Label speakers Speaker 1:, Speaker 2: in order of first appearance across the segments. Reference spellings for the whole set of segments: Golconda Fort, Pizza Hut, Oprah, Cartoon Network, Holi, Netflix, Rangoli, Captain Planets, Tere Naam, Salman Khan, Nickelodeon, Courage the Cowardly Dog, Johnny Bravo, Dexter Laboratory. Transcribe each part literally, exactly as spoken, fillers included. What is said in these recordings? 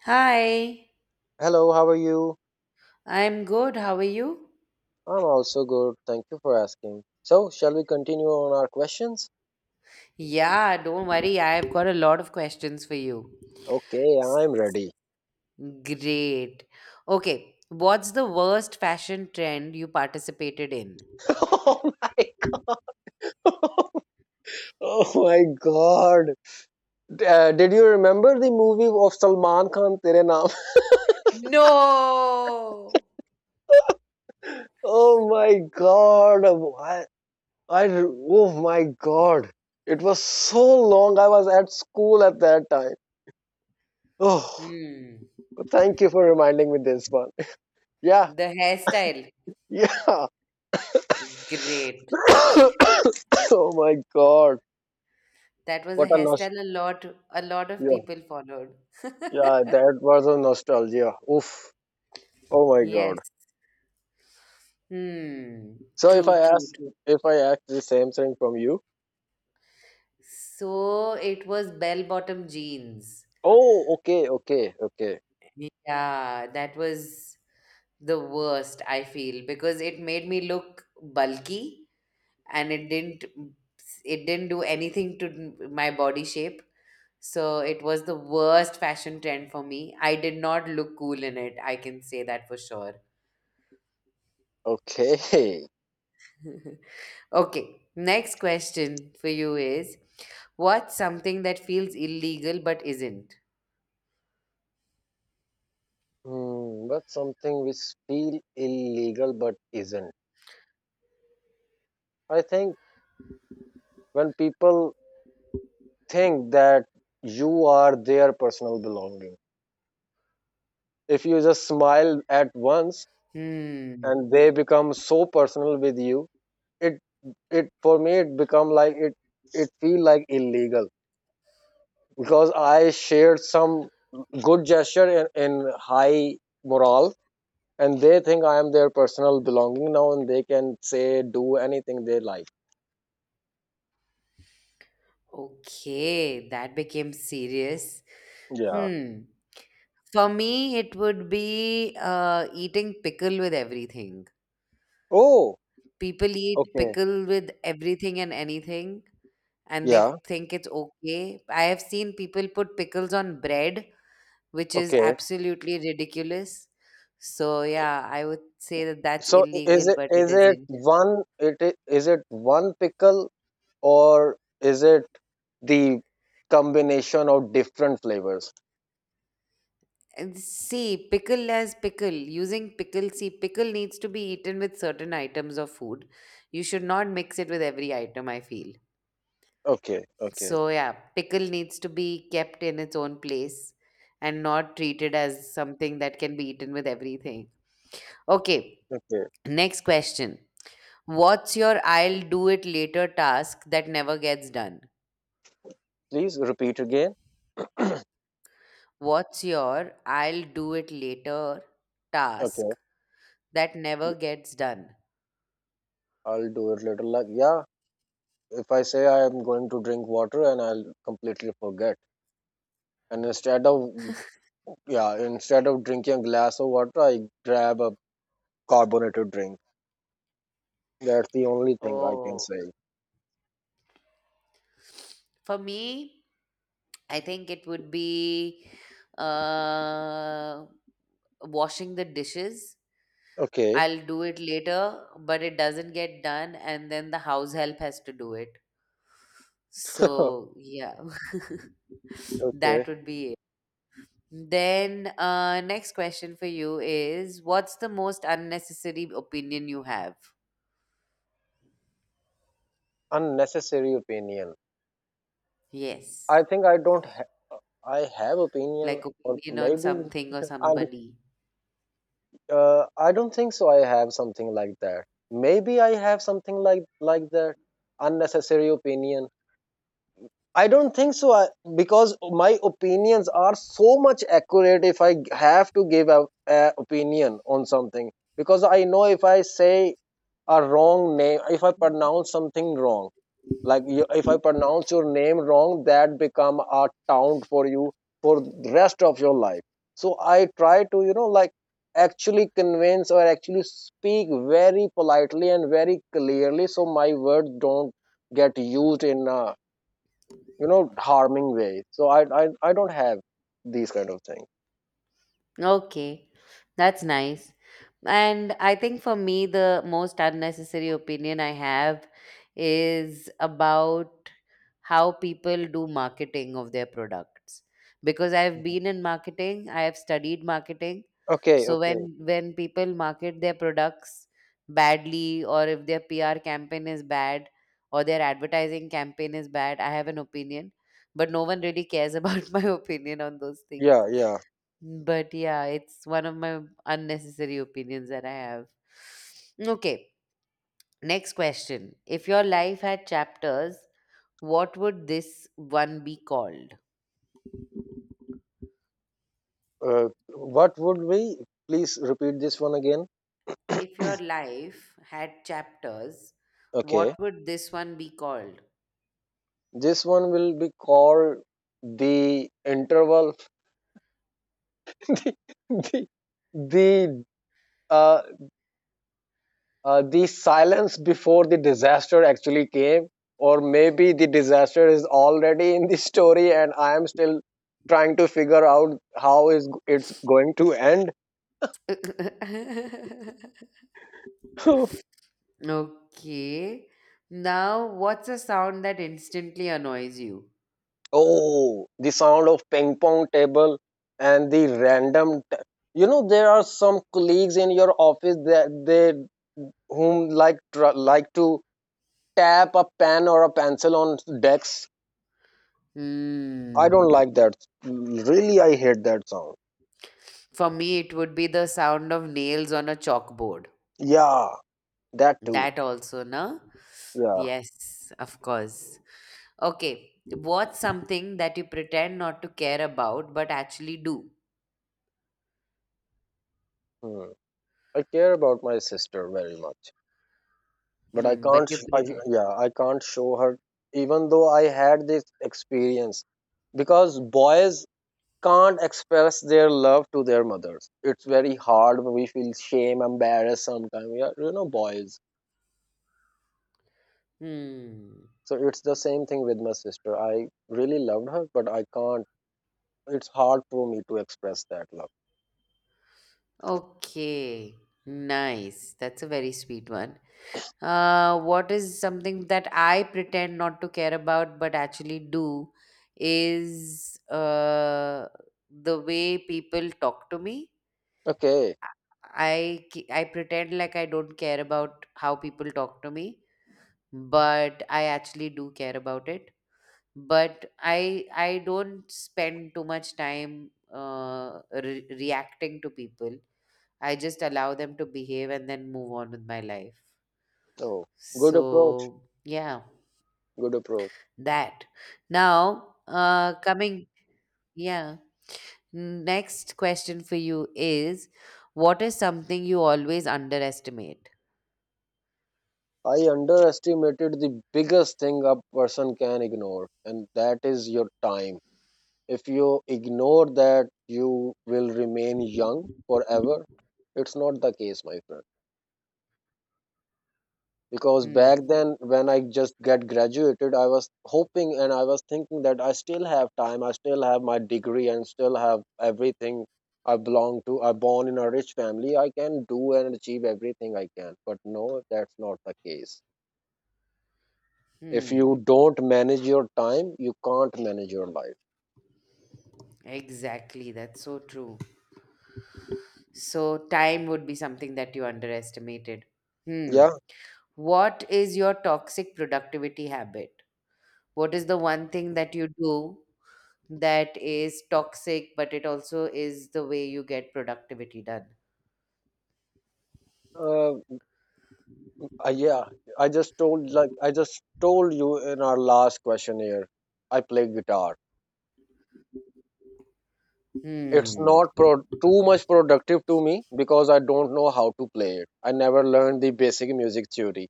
Speaker 1: Hi,
Speaker 2: Hello, how are you?
Speaker 1: I'm good. How are you?
Speaker 2: I'm also good. Thank you for asking. So, shall we continue on our questions?
Speaker 1: Yeah, don't worry. I've got a lot of questions for you.
Speaker 2: Okay, I'm ready.
Speaker 1: Great. Okay, what's the worst fashion trend you participated in?
Speaker 2: oh my god. Oh my god. Uh, did you remember the movie of Salman Khan Tere Naam?
Speaker 1: No!
Speaker 2: Oh my god. I, I, oh my god. It was so long. I was at school at that time. Oh,
Speaker 1: Hmm,
Speaker 2: thank you for reminding me this one. Yeah.
Speaker 1: the hairstyle.
Speaker 2: Yeah.
Speaker 1: Great.
Speaker 2: oh my god.
Speaker 1: That was a
Speaker 2: What a
Speaker 1: hairstyle a lot a lot of
Speaker 2: Yeah,
Speaker 1: people followed.
Speaker 2: yeah, that was a nostalgia. Oof. Oh my God.
Speaker 1: Yes. Hmm.
Speaker 2: So if I
Speaker 1: True, true,
Speaker 2: ask,
Speaker 1: true.
Speaker 2: if I ask the same thing from you,
Speaker 1: So it was bell bottom jeans.
Speaker 2: oh, okay, okay, okay,
Speaker 1: Yeah, that was the worst, I feel, because it made me look bulky and it didn't it didn't do anything to n- my body shape. So it was the worst fashion trend for me. I did not look cool in it. I can say that for sure.
Speaker 2: okay.
Speaker 1: Okay, next question for you is, what's something that feels illegal but isn't?
Speaker 2: Hmm, but something which feel illegal but isn't. I think when people think that you are their personal belonging, if you just smile at once
Speaker 1: Hmm.
Speaker 2: and they become so personal with you, it it for me it become like it it feel like illegal because I shared some good gesture in, in high morale, and they think I am their personal belonging now, and they can say do anything they like.
Speaker 1: Okay, that became serious.
Speaker 2: Yeah.
Speaker 1: Hmm. For me, it would be uh, eating pickle with everything.
Speaker 2: Oh.
Speaker 1: People eat
Speaker 2: Okay.
Speaker 1: pickle with everything and anything, and
Speaker 2: Yeah.
Speaker 1: they think it's okay. I have seen people put pickles on bread, which is
Speaker 2: Okay.
Speaker 1: absolutely ridiculous. So, yeah, I would say that that's
Speaker 2: So is
Speaker 1: illegal,
Speaker 2: it
Speaker 1: but it
Speaker 2: is it
Speaker 1: isn't.
Speaker 2: one it I- is it one pickle or is it the combination of different flavors?
Speaker 1: And see, pickle as pickle. Using pickle, see, pickle needs to be eaten with certain items of food. You should not mix it with every item, I feel.
Speaker 2: Okay. Okay.
Speaker 1: So, yeah, pickle needs to be kept in its own place and not treated as something that can be eaten with everything. Okay,
Speaker 2: Okay.
Speaker 1: next question. What's your I'll do it later task that never gets done?
Speaker 2: Please repeat again.
Speaker 1: What's your I'll do it later
Speaker 2: Okay.
Speaker 1: task that never gets done?
Speaker 2: I'll do it later. Like yeah. If I say I am going to drink water and I'll completely forget. And instead of yeah, instead of drinking a glass of water, I grab a carbonated drink. That's the only thing I can
Speaker 1: Oh.
Speaker 2: say.
Speaker 1: For me, I think it would be uh, washing the dishes.
Speaker 2: Okay.
Speaker 1: I'll do it later, but it doesn't get done, and then the house help has to do it. So, yeah,
Speaker 2: Okay.
Speaker 1: that would be it. Then, uh, next question for you is, what's the most unnecessary opinion you have?
Speaker 2: Unnecessary opinion.
Speaker 1: Yes,
Speaker 2: I think I don't. Ha- I have opinion,
Speaker 1: like
Speaker 2: or
Speaker 1: opinion on
Speaker 2: maybe
Speaker 1: something or
Speaker 2: I'm.
Speaker 1: somebody.
Speaker 2: Uh, I don't think so. I have something like that. Maybe I have something like like that. Unnecessary opinion. I don't think so, I, because my opinions are so much accurate if I have to give a, a opinion on something because I know if I say a wrong name, if I pronounce something wrong, like you, if I pronounce your name wrong, that become a taunt for you for the rest of your life. So I try to you know like actually convince or actually speak very politely and very clearly so my words don't get used in a you know harming way. So i i, I don't have these kind of things.
Speaker 1: Okay, that's nice. And I think for me, the most unnecessary opinion I have is about how people do marketing of their products. Because I've been in marketing, I have studied marketing.
Speaker 2: Okay,
Speaker 1: So
Speaker 2: okay.
Speaker 1: when when people market their products badly, or if their P R campaign is bad, or their advertising campaign is bad, I have an opinion. But no one really cares about my opinion on those things,
Speaker 2: Yeah, yeah.
Speaker 1: but yeah, it's one of my unnecessary opinions that I have. Okay, next question. If your life had chapters, what would this one be called?
Speaker 2: uh, what would we please repeat this one again.
Speaker 1: If your life had chapters,
Speaker 2: Okay.
Speaker 1: what would this one be called?
Speaker 2: This one will be called the interval. the the the, uh, uh, the silence before the disaster actually came, or maybe the disaster is already in the story and I am still trying to figure out how is it's going to end.
Speaker 1: Okay. Now, what's a sound that instantly annoys you?
Speaker 2: Oh, the sound of ping pong table and the random, t- you know, there are some colleagues in your office that they, whom like tr- like to tap a pen or a pencil on decks. I
Speaker 1: Hmm.
Speaker 2: don't like that. Really, I hate that sound.
Speaker 1: For me, it would be the sound of nails on a chalkboard.
Speaker 2: Yeah, that too.
Speaker 1: That also, no?
Speaker 2: Yeah,
Speaker 1: Yes, of course. Okay, what's something that you pretend not to care about but actually do?
Speaker 2: hmm. I care about my sister very much, but I
Speaker 1: Hmm, but
Speaker 2: can't.
Speaker 1: you
Speaker 2: sh- I,
Speaker 1: pretend.
Speaker 2: yeah, I can't show her. Even though I had this experience, because boys can't express their love to their mothers. It's very hard. We feel shame, embarrassed sometimes. We are, you know, boys.
Speaker 1: Hmm.
Speaker 2: So it's the same thing with my sister. I really loved her, but I can't. It's hard for me to express that love.
Speaker 1: Okay, nice. That's a very sweet one. Uh, what is something that I pretend not to care about but actually do is uh, the way people talk to me.
Speaker 2: Okay.
Speaker 1: I, ke- I pretend like I don't care about how people talk to me, but I actually do care about it. But I I don't spend too much time uh, re- reacting to people. I just allow them to behave and then move on with my life.
Speaker 2: Oh, good approach.
Speaker 1: So yeah,
Speaker 2: Good approach.
Speaker 1: that. Now uh, coming, yeah. Next question for you is, what is something you always underestimate?
Speaker 2: I underestimated the biggest thing a person can ignore, and that is your time. If you ignore that, you will remain young forever. It's not the case, my friend. Because
Speaker 1: Hmm.
Speaker 2: back then, when I just get graduated, I was hoping and I was thinking that I still have time, I still have my degree and still have everything. I belong to, I born in a rich family, I can do and achieve everything I can, but no, that's not the case. If
Speaker 1: Hmm.
Speaker 2: you don't manage your time, you can't manage your life.
Speaker 1: Exactly. That's so true. So, time would be something that you underestimated. Hmm.
Speaker 2: Yeah.
Speaker 1: What is your toxic productivity habit? What is the one thing that you do that is toxic, but it also is the way you get productivity done?
Speaker 2: uh, uh, yeah, i just told like i just told you in our last question here, I play guitar. It's
Speaker 1: Hmm.
Speaker 2: not pro- too much productive to me because I don't know how to play it. I never learned the basic music theory,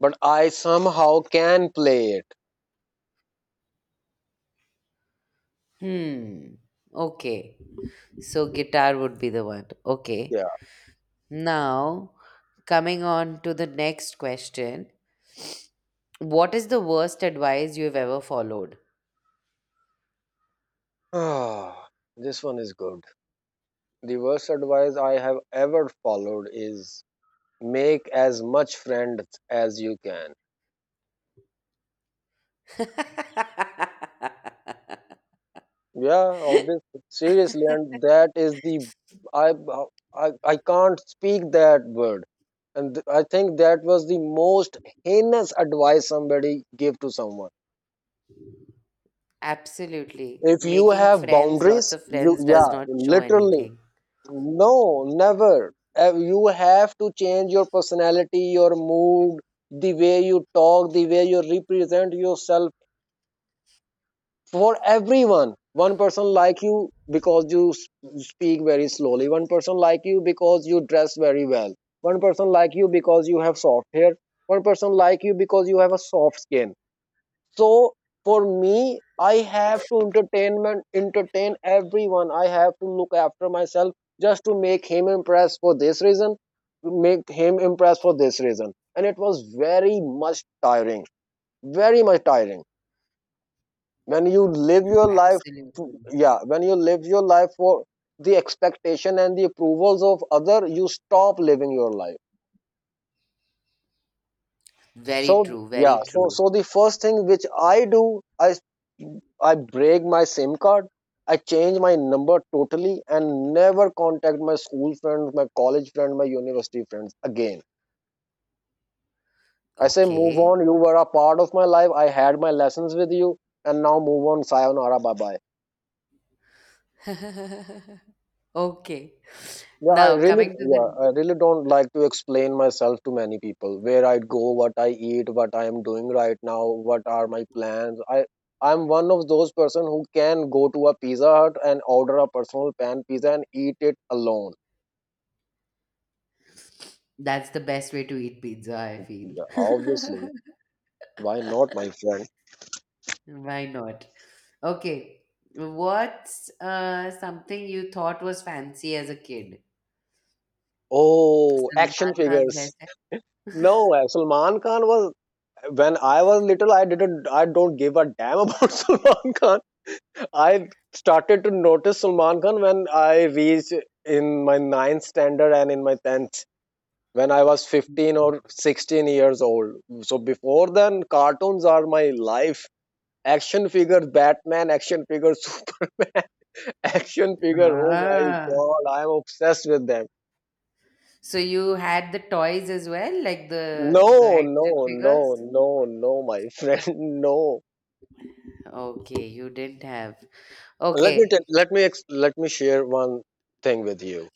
Speaker 2: but I somehow can play it.
Speaker 1: Hmm. Okay. So, guitar would be the one. Okay.
Speaker 2: Yeah.
Speaker 1: Now, coming on to the next question. What is the worst advice you've ever followed?
Speaker 2: Ah, this one is good. The worst advice I have ever followed is make as much friends as you can. Yeah, obviously. Seriously, and that is the. I I, I can't speak that word. And I think that was the most heinous advice somebody gave to someone.
Speaker 1: Absolutely.
Speaker 2: If you
Speaker 1: Making
Speaker 2: have
Speaker 1: friends, lots
Speaker 2: boundaries,
Speaker 1: of
Speaker 2: you,
Speaker 1: friends, does
Speaker 2: yeah,
Speaker 1: not show
Speaker 2: literally,
Speaker 1: anything.
Speaker 2: no, never. Uh, You have to change your personality, your mood, the way you talk, the way you represent yourself for everyone. One person like you because you s- speak very slowly. One person like you because you dress very well. One person like you because you have soft hair. One person like you because you have a soft skin. So for me, I have to entertainment entertain everyone, I have to look after myself just to make him impressed for this reason, to make him impressed for this reason, and it was very much tiring, very much tiring. When you live your life,
Speaker 1: Absolutely.
Speaker 2: yeah, when you live your life for the expectation and the approvals of other, you stop living your life.
Speaker 1: Very
Speaker 2: So
Speaker 1: true.
Speaker 2: yeah,
Speaker 1: Very
Speaker 2: so
Speaker 1: true.
Speaker 2: so the first thing which i do i I break my SIM card, I change my number totally and never contact my school friends, my college friends, my university friends again. I say, move on.
Speaker 1: Okay.
Speaker 2: You were a part of my life. I had my lessons with you, and now move on. Sayonara, bye bye.
Speaker 1: Okay.
Speaker 2: Yeah, I
Speaker 1: Now,
Speaker 2: really,
Speaker 1: coming to
Speaker 2: yeah,
Speaker 1: the.
Speaker 2: I really don't like to explain myself to many people. Where I go, what I eat, what I am doing right now, what are my plans. I, I'm one of those person who can go to a Pizza Hut and order a personal pan pizza and eat it alone.
Speaker 1: That's the best way to eat pizza, I feel.
Speaker 2: Yeah, obviously. Why not, my friend?
Speaker 1: Why not? Okay. What's uh, something you thought was fancy as a kid?
Speaker 2: Oh,
Speaker 1: Salman
Speaker 2: action
Speaker 1: Khan's
Speaker 2: figures.
Speaker 1: hairstyle.
Speaker 2: No, uh, Salman Khan was when I was little. I didn't. I don't give a damn about Salman Khan. I started to notice Salman Khan when I reached in my ninth standard and in my tenth when I was fifteen or sixteen years old. So before then, cartoons are my life. Action figures, Batman, action figures, Superman, action figure. Oh my
Speaker 1: Ah.
Speaker 2: god, I am obsessed with them.
Speaker 1: So you had the toys as well, like
Speaker 2: No,
Speaker 1: the the
Speaker 2: no,
Speaker 1: action
Speaker 2: no,
Speaker 1: figures?
Speaker 2: no, no, my friend, no.
Speaker 1: Okay, you didn't have.
Speaker 2: Let me tell,
Speaker 1: Okay.
Speaker 2: let me ex- let me share one thing with you.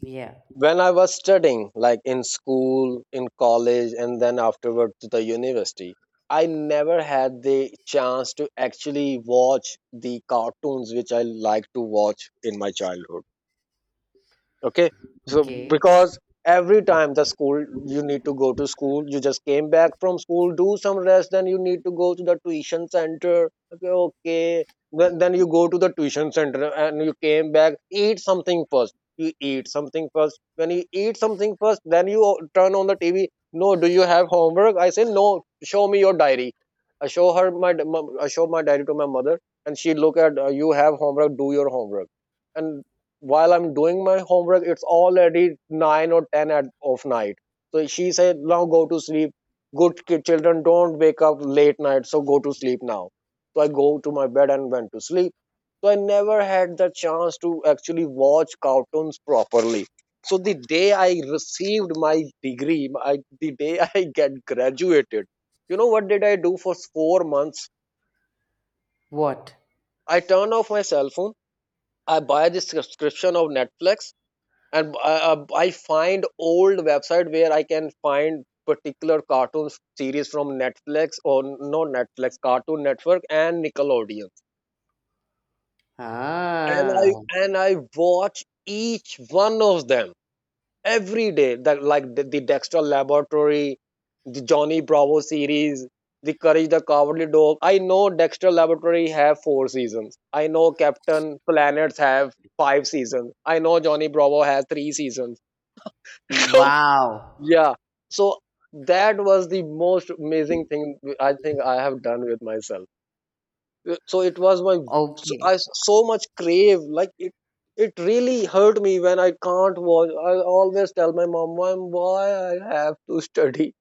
Speaker 1: Yeah.
Speaker 2: When I was studying, like in school, in college, and then afterward to the university, I never had the chance to actually watch the cartoons which I like to watch in my childhood. Okay, so
Speaker 1: Okay.
Speaker 2: because every time the school you need to go to school, you just came back from school, do some rest, then you need to go to the tuition center. Okay, okay. Then, then you go to the tuition center and you came back, eat something first, you eat something first, when you eat something first, then you o- turn on the TV. No, do you have homework? I say no. Show me your diary. I show her my i show my diary to my mother, and she look at, uh, you have homework, do your homework. And while I'm doing my homework, it's already nine or ten at of night. So she said, "Now go to sleep. Good kid, children don't wake up late night, so go to sleep now." So I go to my bed and went to sleep. So I never had the chance to actually watch cartoons properly. So the day I received my degree, I, the day I get graduated, you know what did I do for four months?
Speaker 1: What?
Speaker 2: I turn off my cell phone. I buy the subscription of Netflix. And I uh, I find old website where I can find particular cartoon series from Netflix, or not Netflix, Cartoon Network and Nickelodeon. And
Speaker 1: Ah.
Speaker 2: I and I watch each one of them every day. That like the, the Dexter Laboratory, the Johnny Bravo series, the Courage the Cowardly Dog. I know Dexter Laboratory have four seasons. I know Captain Planets have five seasons. I know Johnny Bravo has three seasons.
Speaker 1: Wow.
Speaker 2: Yeah, so that was the most amazing thing I think I have done with myself. Uh, so it was my, so,
Speaker 1: Okay.
Speaker 2: I so much crave, like it it really hurt me when I can't watch. I always tell my mom, mom, why I have to study,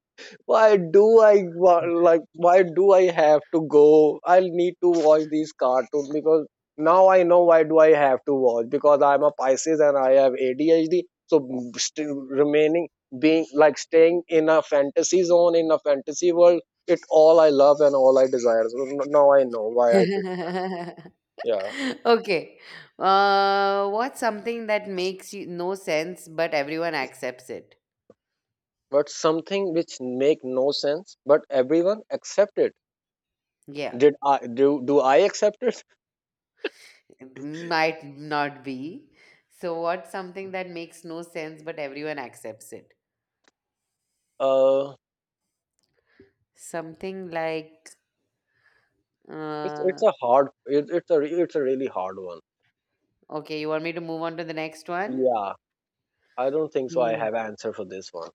Speaker 2: why do I wa- like, why do I have to go? I'll need to watch these cartoons because now I know why do I have to watch, because I'm a Pisces and I have A D H D. So still remaining, being like staying in a fantasy zone, in a fantasy world, it all I love and all I desire. So n- now I know why I did. Yeah,
Speaker 1: Okay. Uh, what's something that makes you no sense, but everyone accepts it?
Speaker 2: but something which make no sense, but everyone accept it.
Speaker 1: Yeah,
Speaker 2: Did I do? Do I accept it?
Speaker 1: it might not be. So, what's something that makes no sense, but everyone accepts it?
Speaker 2: Uh,
Speaker 1: Something like,
Speaker 2: It's
Speaker 1: uh,
Speaker 2: it's a hard it, it's a re- it's a really hard one.
Speaker 1: okay, you want me to move on to the next one?
Speaker 2: Yeah, I don't think so. I
Speaker 1: Mm.
Speaker 2: have answer for this one.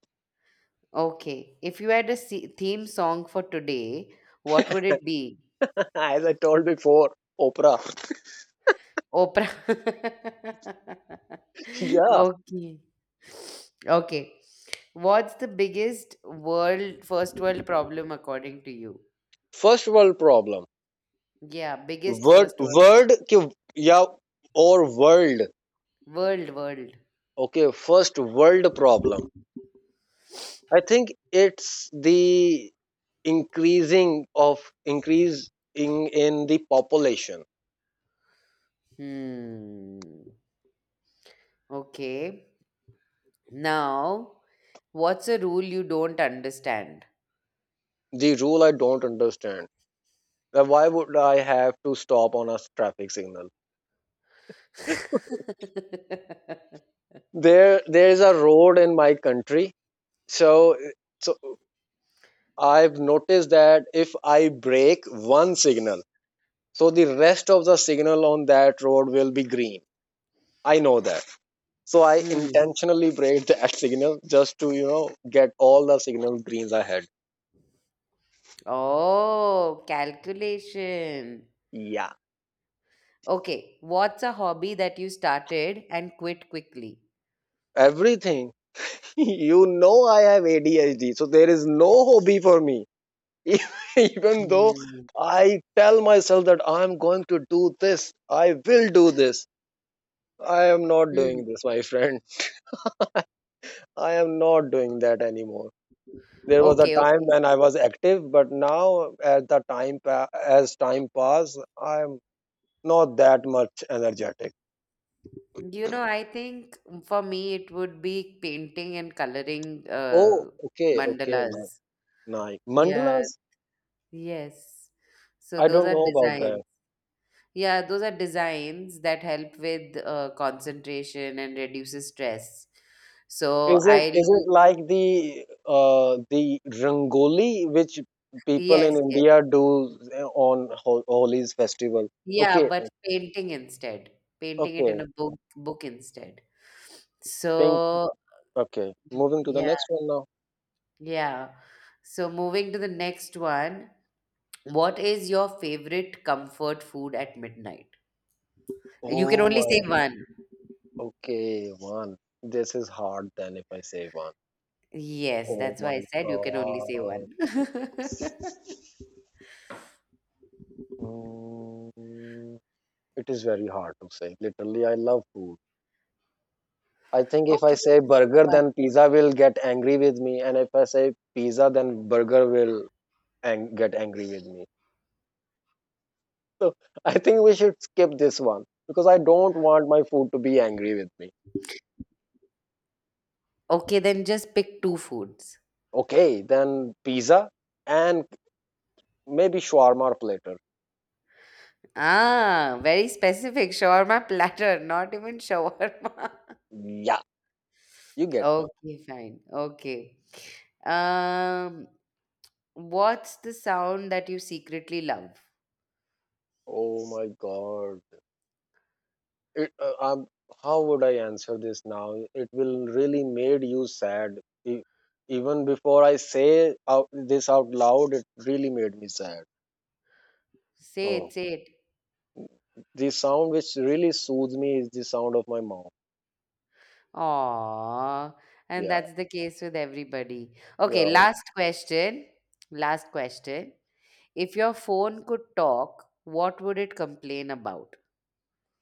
Speaker 1: Okay. If you had a se- theme song for today, what would it be?
Speaker 2: As I told before, Oprah.
Speaker 1: Oprah.
Speaker 2: Yeah,
Speaker 1: Okay. Okay. What's the biggest world, first world problem according to you?
Speaker 2: first world problem.
Speaker 1: Yeah, biggest
Speaker 2: Word
Speaker 1: first world.
Speaker 2: word ki, yeah or world.
Speaker 1: World, world.
Speaker 2: Okay, first world problem. I think it's the increasing of increase in in the population.
Speaker 1: Hmm. Okay. Now, what's a rule you don't understand?
Speaker 2: The rule I don't understand. That why would I have to stop on a traffic signal? there there is a road in my country, so so I've noticed that if I break one signal, so the rest of the signal on that road will be green. I know that, so I
Speaker 1: Hmm.
Speaker 2: intentionally break that signal just to you know get all the signal greens ahead.
Speaker 1: Oh, calculation.
Speaker 2: Yeah,
Speaker 1: Okay. What's a hobby that you started and quit quickly?
Speaker 2: everything. You know, I have ADHD, so there is no hobby for me. Even though
Speaker 1: Hmm.
Speaker 2: I tell myself that I'm going to do this, I will do this. I am not
Speaker 1: Hmm.
Speaker 2: doing this, my friend. I am not doing that anymore. There was a
Speaker 1: Okay,
Speaker 2: time
Speaker 1: okay.
Speaker 2: when I was active, but now as the time pa- as time pass, I am not that much energetic.
Speaker 1: You know, I think for me it would be painting and coloring
Speaker 2: Oh,
Speaker 1: uh,
Speaker 2: okay, okay, ni-
Speaker 1: mandalas.
Speaker 2: nice.
Speaker 1: Yeah,
Speaker 2: Mandalas?
Speaker 1: yes. So
Speaker 2: I
Speaker 1: those
Speaker 2: don't
Speaker 1: are
Speaker 2: know about
Speaker 1: designs.
Speaker 2: that.
Speaker 1: Yeah, those are designs that help with uh, concentration and reduces stress. So
Speaker 2: Is it
Speaker 1: I
Speaker 2: is it
Speaker 1: lose,
Speaker 2: like the uh the Rangoli which people in
Speaker 1: yes, yes.
Speaker 2: India do eh, on Ho- Holi's festival?
Speaker 1: Yeah,
Speaker 2: Okay,
Speaker 1: but painting instead. Painting it in
Speaker 2: okay,
Speaker 1: a book book instead.
Speaker 2: pink.
Speaker 1: So,
Speaker 2: Okay, moving to the
Speaker 1: yeah,
Speaker 2: next one now.
Speaker 1: yeah. So moving to the next one, what is your favorite comfort food at midnight? You can
Speaker 2: Oh
Speaker 1: only say
Speaker 2: my.
Speaker 1: one.
Speaker 2: Okay, one. This is hard then if I say one.
Speaker 1: Yes,
Speaker 2: Oh
Speaker 1: that's why I
Speaker 2: my
Speaker 1: said you can only say one.
Speaker 2: God. Mm, it is very hard to say. Literally, I love food. I think if I
Speaker 1: Okay,
Speaker 2: say
Speaker 1: just pick
Speaker 2: burger,
Speaker 1: one.
Speaker 2: then pizza will get angry with me, and if I say pizza, then burger will ang- get angry with me. So I think we should skip this one because I don't want my food to be angry with me.
Speaker 1: Okay, then just pick two foods.
Speaker 2: Okay, then pizza and maybe shawarma or platter.
Speaker 1: Ah, very specific. Shawarma platter, not even shawarma.
Speaker 2: Yeah, you get me.
Speaker 1: Okay, fine. Okay. Um, what's the sound that you secretly love?
Speaker 2: Oh my God. It, uh, um, how would I answer this now? It will really made you sad. E- Even before I say out, this out loud, it really made me sad.
Speaker 1: Say it,
Speaker 2: Oh,
Speaker 1: say it.
Speaker 2: the sound which really soothes me is the sound of my mom.
Speaker 1: Aww. And
Speaker 2: Yeah,
Speaker 1: that's the case with everybody. Okay,
Speaker 2: yeah.
Speaker 1: last question. Last question. If your phone could talk, what would it complain about?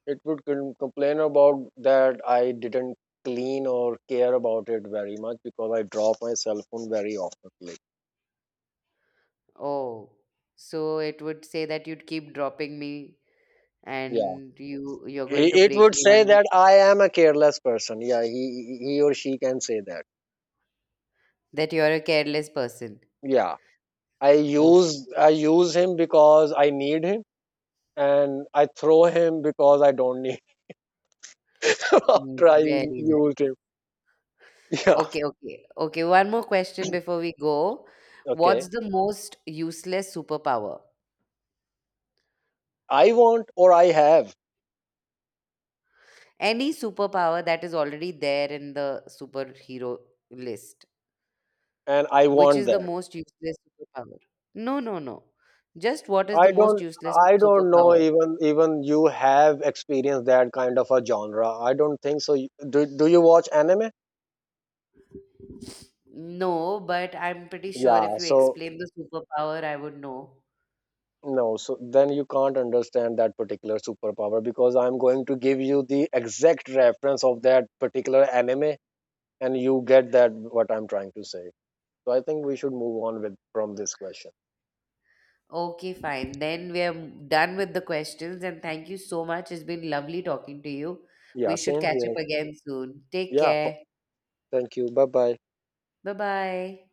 Speaker 2: It would com- complain about that I didn't clean or care about it very much because I drop my cell phone very often.
Speaker 1: Oh, so it would say that you'd keep dropping me
Speaker 2: Yeah,
Speaker 1: and you you're going to
Speaker 2: it it
Speaker 1: break
Speaker 2: would
Speaker 1: me
Speaker 2: say
Speaker 1: one day.
Speaker 2: that I am a careless person. Yeah, he he he or she can say that.
Speaker 1: That you're a careless person.
Speaker 2: Yeah, I
Speaker 1: Oh,
Speaker 2: use I use him because I need him, and I throw him because I don't need him after I
Speaker 1: very nice.
Speaker 2: used him. Yeah,
Speaker 1: Okay, okay. Okay, one more question before we go. What's
Speaker 2: okay.
Speaker 1: the most useless superpower?
Speaker 2: I want or I have,
Speaker 1: Any superpower that is already there in the superhero list.
Speaker 2: and I
Speaker 1: Which
Speaker 2: want
Speaker 1: is the
Speaker 2: that.
Speaker 1: most useless superpower? No, no, no. Just what is the
Speaker 2: I
Speaker 1: most
Speaker 2: don't
Speaker 1: useless
Speaker 2: I don't know,
Speaker 1: superpower?
Speaker 2: even even you have experienced that kind of a genre. I don't think so. Do do you watch anime?
Speaker 1: No, but I'm pretty sure
Speaker 2: Yeah,
Speaker 1: if you
Speaker 2: so
Speaker 1: explain the superpower, I would know.
Speaker 2: no, so then you can't understand that particular superpower because I'm going to give you the exact reference of that particular anime and you get that what I'm trying to say. So I think we should move on with from this question.
Speaker 1: Okay, fine. Then we are done with the questions, and thank you so much. It's been lovely talking to you.
Speaker 2: Yeah,
Speaker 1: We should
Speaker 2: same
Speaker 1: catch up
Speaker 2: here.
Speaker 1: again soon. Take
Speaker 2: Yeah,
Speaker 1: care.
Speaker 2: thank you, bye bye.
Speaker 1: Bye bye.